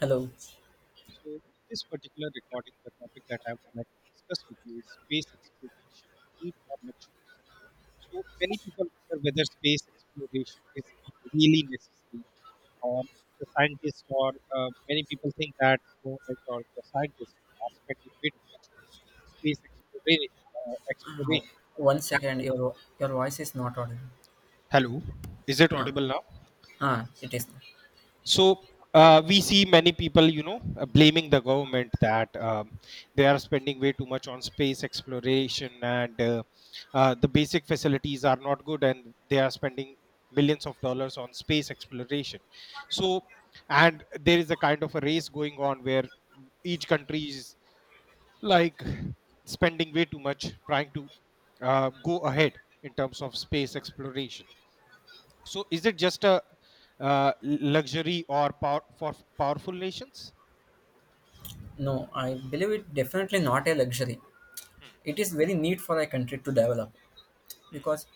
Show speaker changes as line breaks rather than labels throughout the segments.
Hello.
So, in this particular recording, the topic that I would like to discuss with you is space exploration, need or luxury. So, many people wonder whether space exploration is really necessary, or the scientists, or many people think that government or the scientists are spending way too much on space exploration.
Uh, one second, your voice is not audible.
Hello, is it
Ah,
audible now?
ah, it is.
So we see many people, blaming the government that they are spending way too much on space exploration and the basic facilities are not good and they are spending millions of dollars on space exploration. So, and there is a kind of a race going on where each country is like spending way too much trying to go ahead in terms of space exploration, so is it just a luxury or power for powerful nations?
No, I believe it definitely not a luxury. It is very need for a country to develop because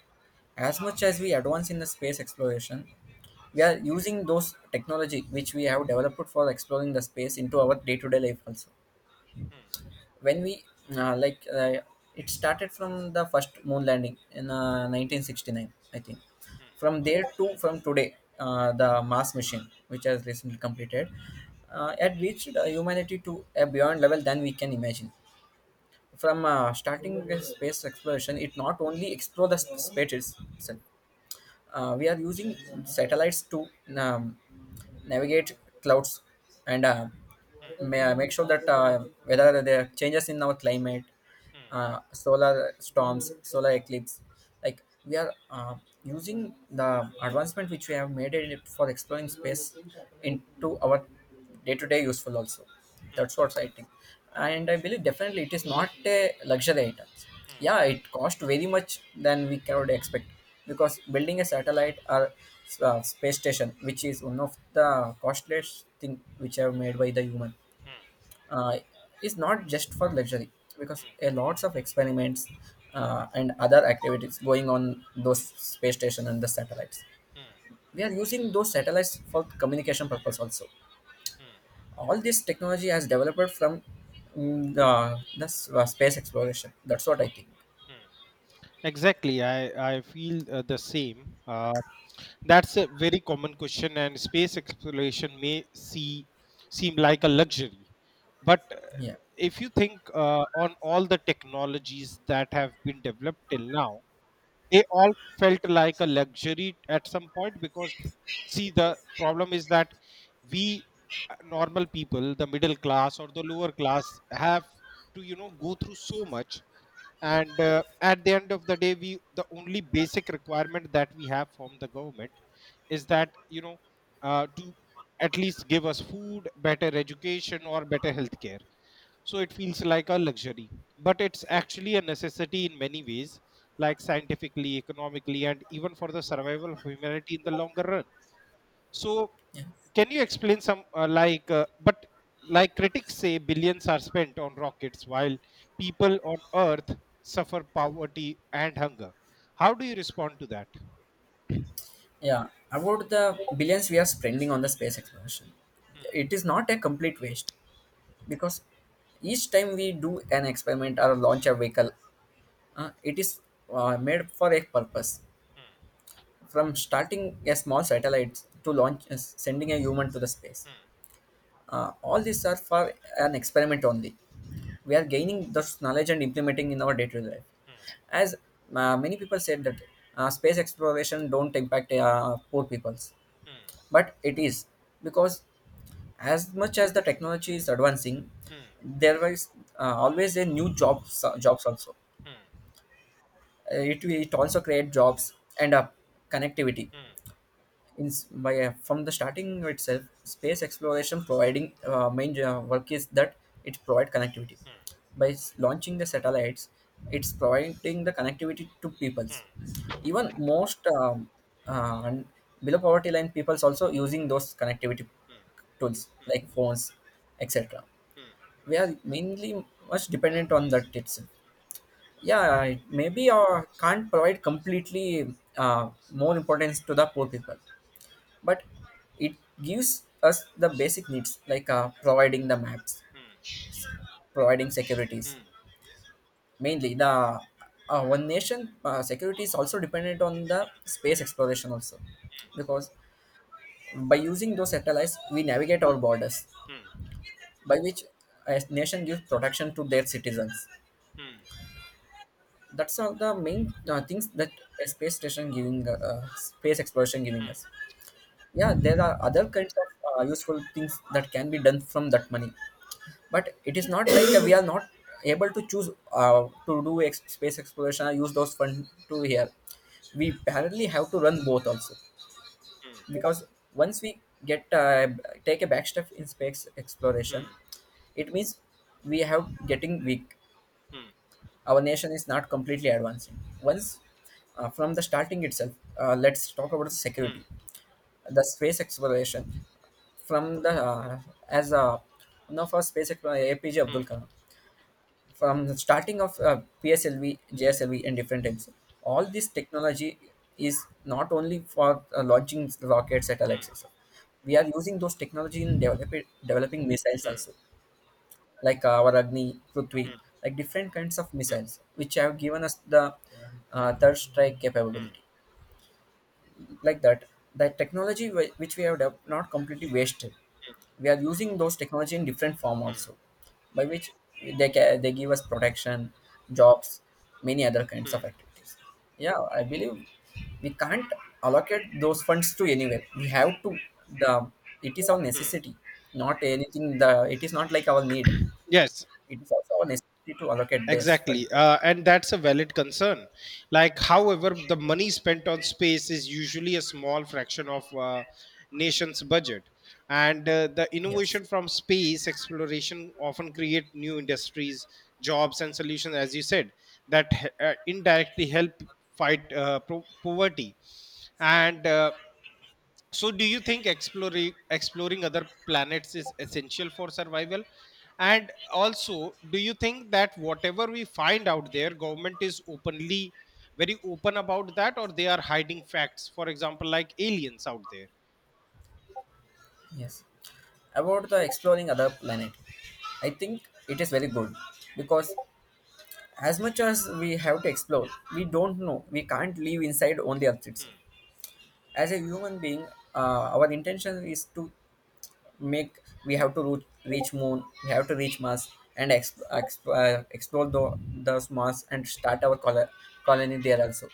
as much as we advance in the space exploration, we are using those technology which we have developed for exploring the space into our day-to-day life also. When we uh, like uh, it started from the first moon landing in 1969, I think. From there to from today, the mars mission which has recently completed had reached humanity to a beyond level than we can imagine. From starting the space exploration, it not only explore the space itself. We are using satellites to um, navigate clouds, and make sure that whether there are changes in our climate, solar storms, solar eclipse. Like, we are using the advancement which we have made in it for exploring space into our day to day useful also. That's what I think. And I believe definitely it is not a luxury item. Yeah, it cost very much than we cannot expect, because building a satellite or space station, which is one of the costliest thing which are made by the human, uh, is not just for luxury, because a lots of experiments and other activities going on those space station and the satellites. We are using those satellites for communication purpose also. All this technology has developed from mm, the, space exploration. That's what I think.
Exactly, I feel the same. That's a very common question, and space exploration may seem like a luxury, but
Yeah,
if you think on all the technologies that have been developed till now, they all felt like a luxury at some point because see the problem is that we, normal people, the middle class or the lower class, have to, you know, go through so much. And at the end of the day, we, the only basic requirement that we have from the government is that, you know, to at least give us food, better education or better health care, so it feels like a luxury, but it's actually a necessity in many ways, like scientifically, economically, and even for the survival of humanity in the longer run. So,
yeah,
can you explain some, like critics say, billions are spent on rockets while people on Earth suffer poverty and hunger. How do you respond to that?
yeah, about the billions we are spending on the space exploration, it is not a complete waste, because each time we do an experiment or launch a vehicle, it is made for a purpose, from starting a small satellite to launch, sending a human to the space.
Hmm,
All these are for an experiment only. We are gaining this knowledge and implementing in our day-to-day life.
hmm,
As many people said that space exploration don't impact poor peoples,
hmm,
but it is, because as much as the technology is advancing,
hmm,
there is always a new jobs, jobs also.
hmm, hmm,
It also create jobs and connectivity. In s- by From the starting itself, space exploration providing main work is that it provide connectivity by launching the satellites. It's providing the connectivity to peoples. Even most and below poverty line peoples also using those connectivity tools like phones, etc. We are mainly much dependent on that itself. Yeah, it maybe can't provide completely more importance to the poor people, but it gives us the basic needs like providing the maps,
hmm,
providing securities.
hmm,
Mainly the one nation security is also dependent on the space exploration also, because by using those satellites we navigate our borders,
hmm, hmm, hmm,
by which a nation gives protection to their citizens. That's all the main things that a space exploration
hmm,
giving
hmm,
us. Yeah, there are other kinds of useful things that can be done from that money, but it is not like we are not able to choose space exploration or use those funds to here. We parallelly have to run both also, because once we get take a back step in space exploration,
hmm,
it means we have getting weak. Our nation is not completely advancing once from the starting itself. Let's talk about security,
hmm,
the space exploration from the as a one of our space explorer, APJ
hmm,
Abdul
hmm,
Kalam, from the starting of PSLV, JSLV, and different types. All this technology is not only for launching rockets,
hmm,
satellites and stuff. We are using those technology in developing missiles
hmm,
also, like our Agni, Prithvi, like different kinds of missiles, which have given us the third strike
hmm,
capability, like that. The technology which we have developed not completely wasted. We are using those technology in different form
hmm,
also, by which they they give us protection, jobs, many other kinds
hmm,
of activities. Yeah, I believe we can't allocate those funds to anywhere. We have to, the, it is our
hmm.
necessity. Not anything, the, it is not like our need.
Yes,
It is also our necessity to allocate this fund
exactly.
there.
And that's a valid concern. Like, however, the money spent on space is usually a small fraction of nation's budget. And the
Yes.
innovation from space exploration often create new industries, jobs, and solutions, as you said, that indirectly help fight poverty. And So, do you think exploring other planets is essential for survival? And also, do you think that whatever we find out there, government is openly very open about that, or they are hiding facts? For example, like aliens out there.
Yes. About the exploring other planet, I think it is very good, because as much as we have to explore, we don't know. We can't live inside on the Earth itself. As a human being, our intention is to make, we have to reach moon, we have to reach mars and explore the, those mars and start our
Hmm,
colony there also,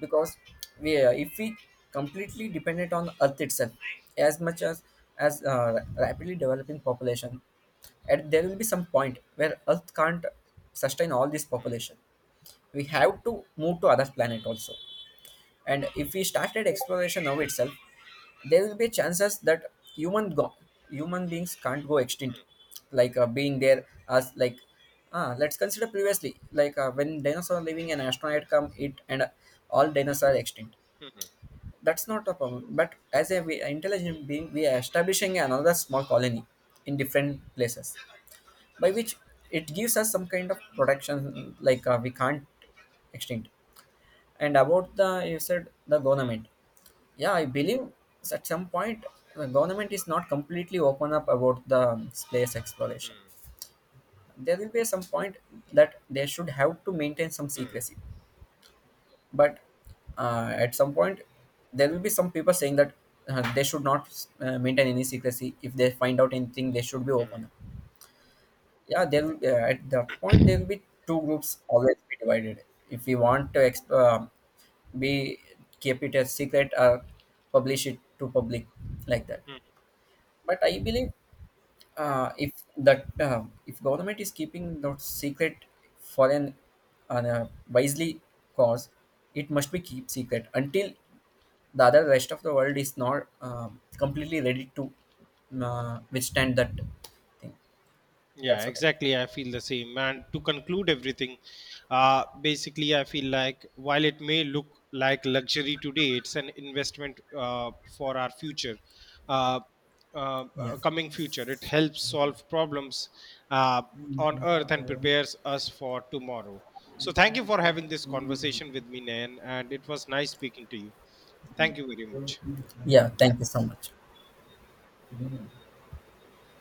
because we, if we completely dependent on earth itself, as much as rapidly developing population, and there will be some point where earth can't sustain all this population. We have to move to other planet also. And if we started exploration now itself, there will be chances that human beings can't go extinct, like being there as like. Ah, let's consider previously, like when dinosaurs living, an astronaut come it, and all dinosaurs are extinct.
hmm, hmm,
That's not a problem, but as a we, intelligent being, we are establishing another small colony in different places, by which it gives us some kind of protection, like we can't extinct. And about the, you said the government. Yeah, I believe at some point the government is not completely open up about the space exploration. There will be some point that they should have to maintain some
hmm.
secrecy. But at some point, there will be some people saying that they should not maintain any secrecy. If they find out anything, they should be open up. Yeah, there will at that point there will be two groups always be divided. If we want to be, keep it as secret or publish it to public, like that. But I believe if that, if government is keeping that secret for an, on a wisely cause, it must be keep secret until the other rest of the world is not completely ready to withstand that thing.
Yeah,
That's what I.
exactly. I feel the same. And to conclude everything, basically, I feel like while it may look like luxury today, it's an investment for our uh,
Yeah.
coming future. It helps solve problems uh, on earth and prepares us for tomorrow. So, thank you for having this conversation with me, Nayan, and it was nice speaking to you. Thank you very much.
Yeah,
Yeah.
thank you so much.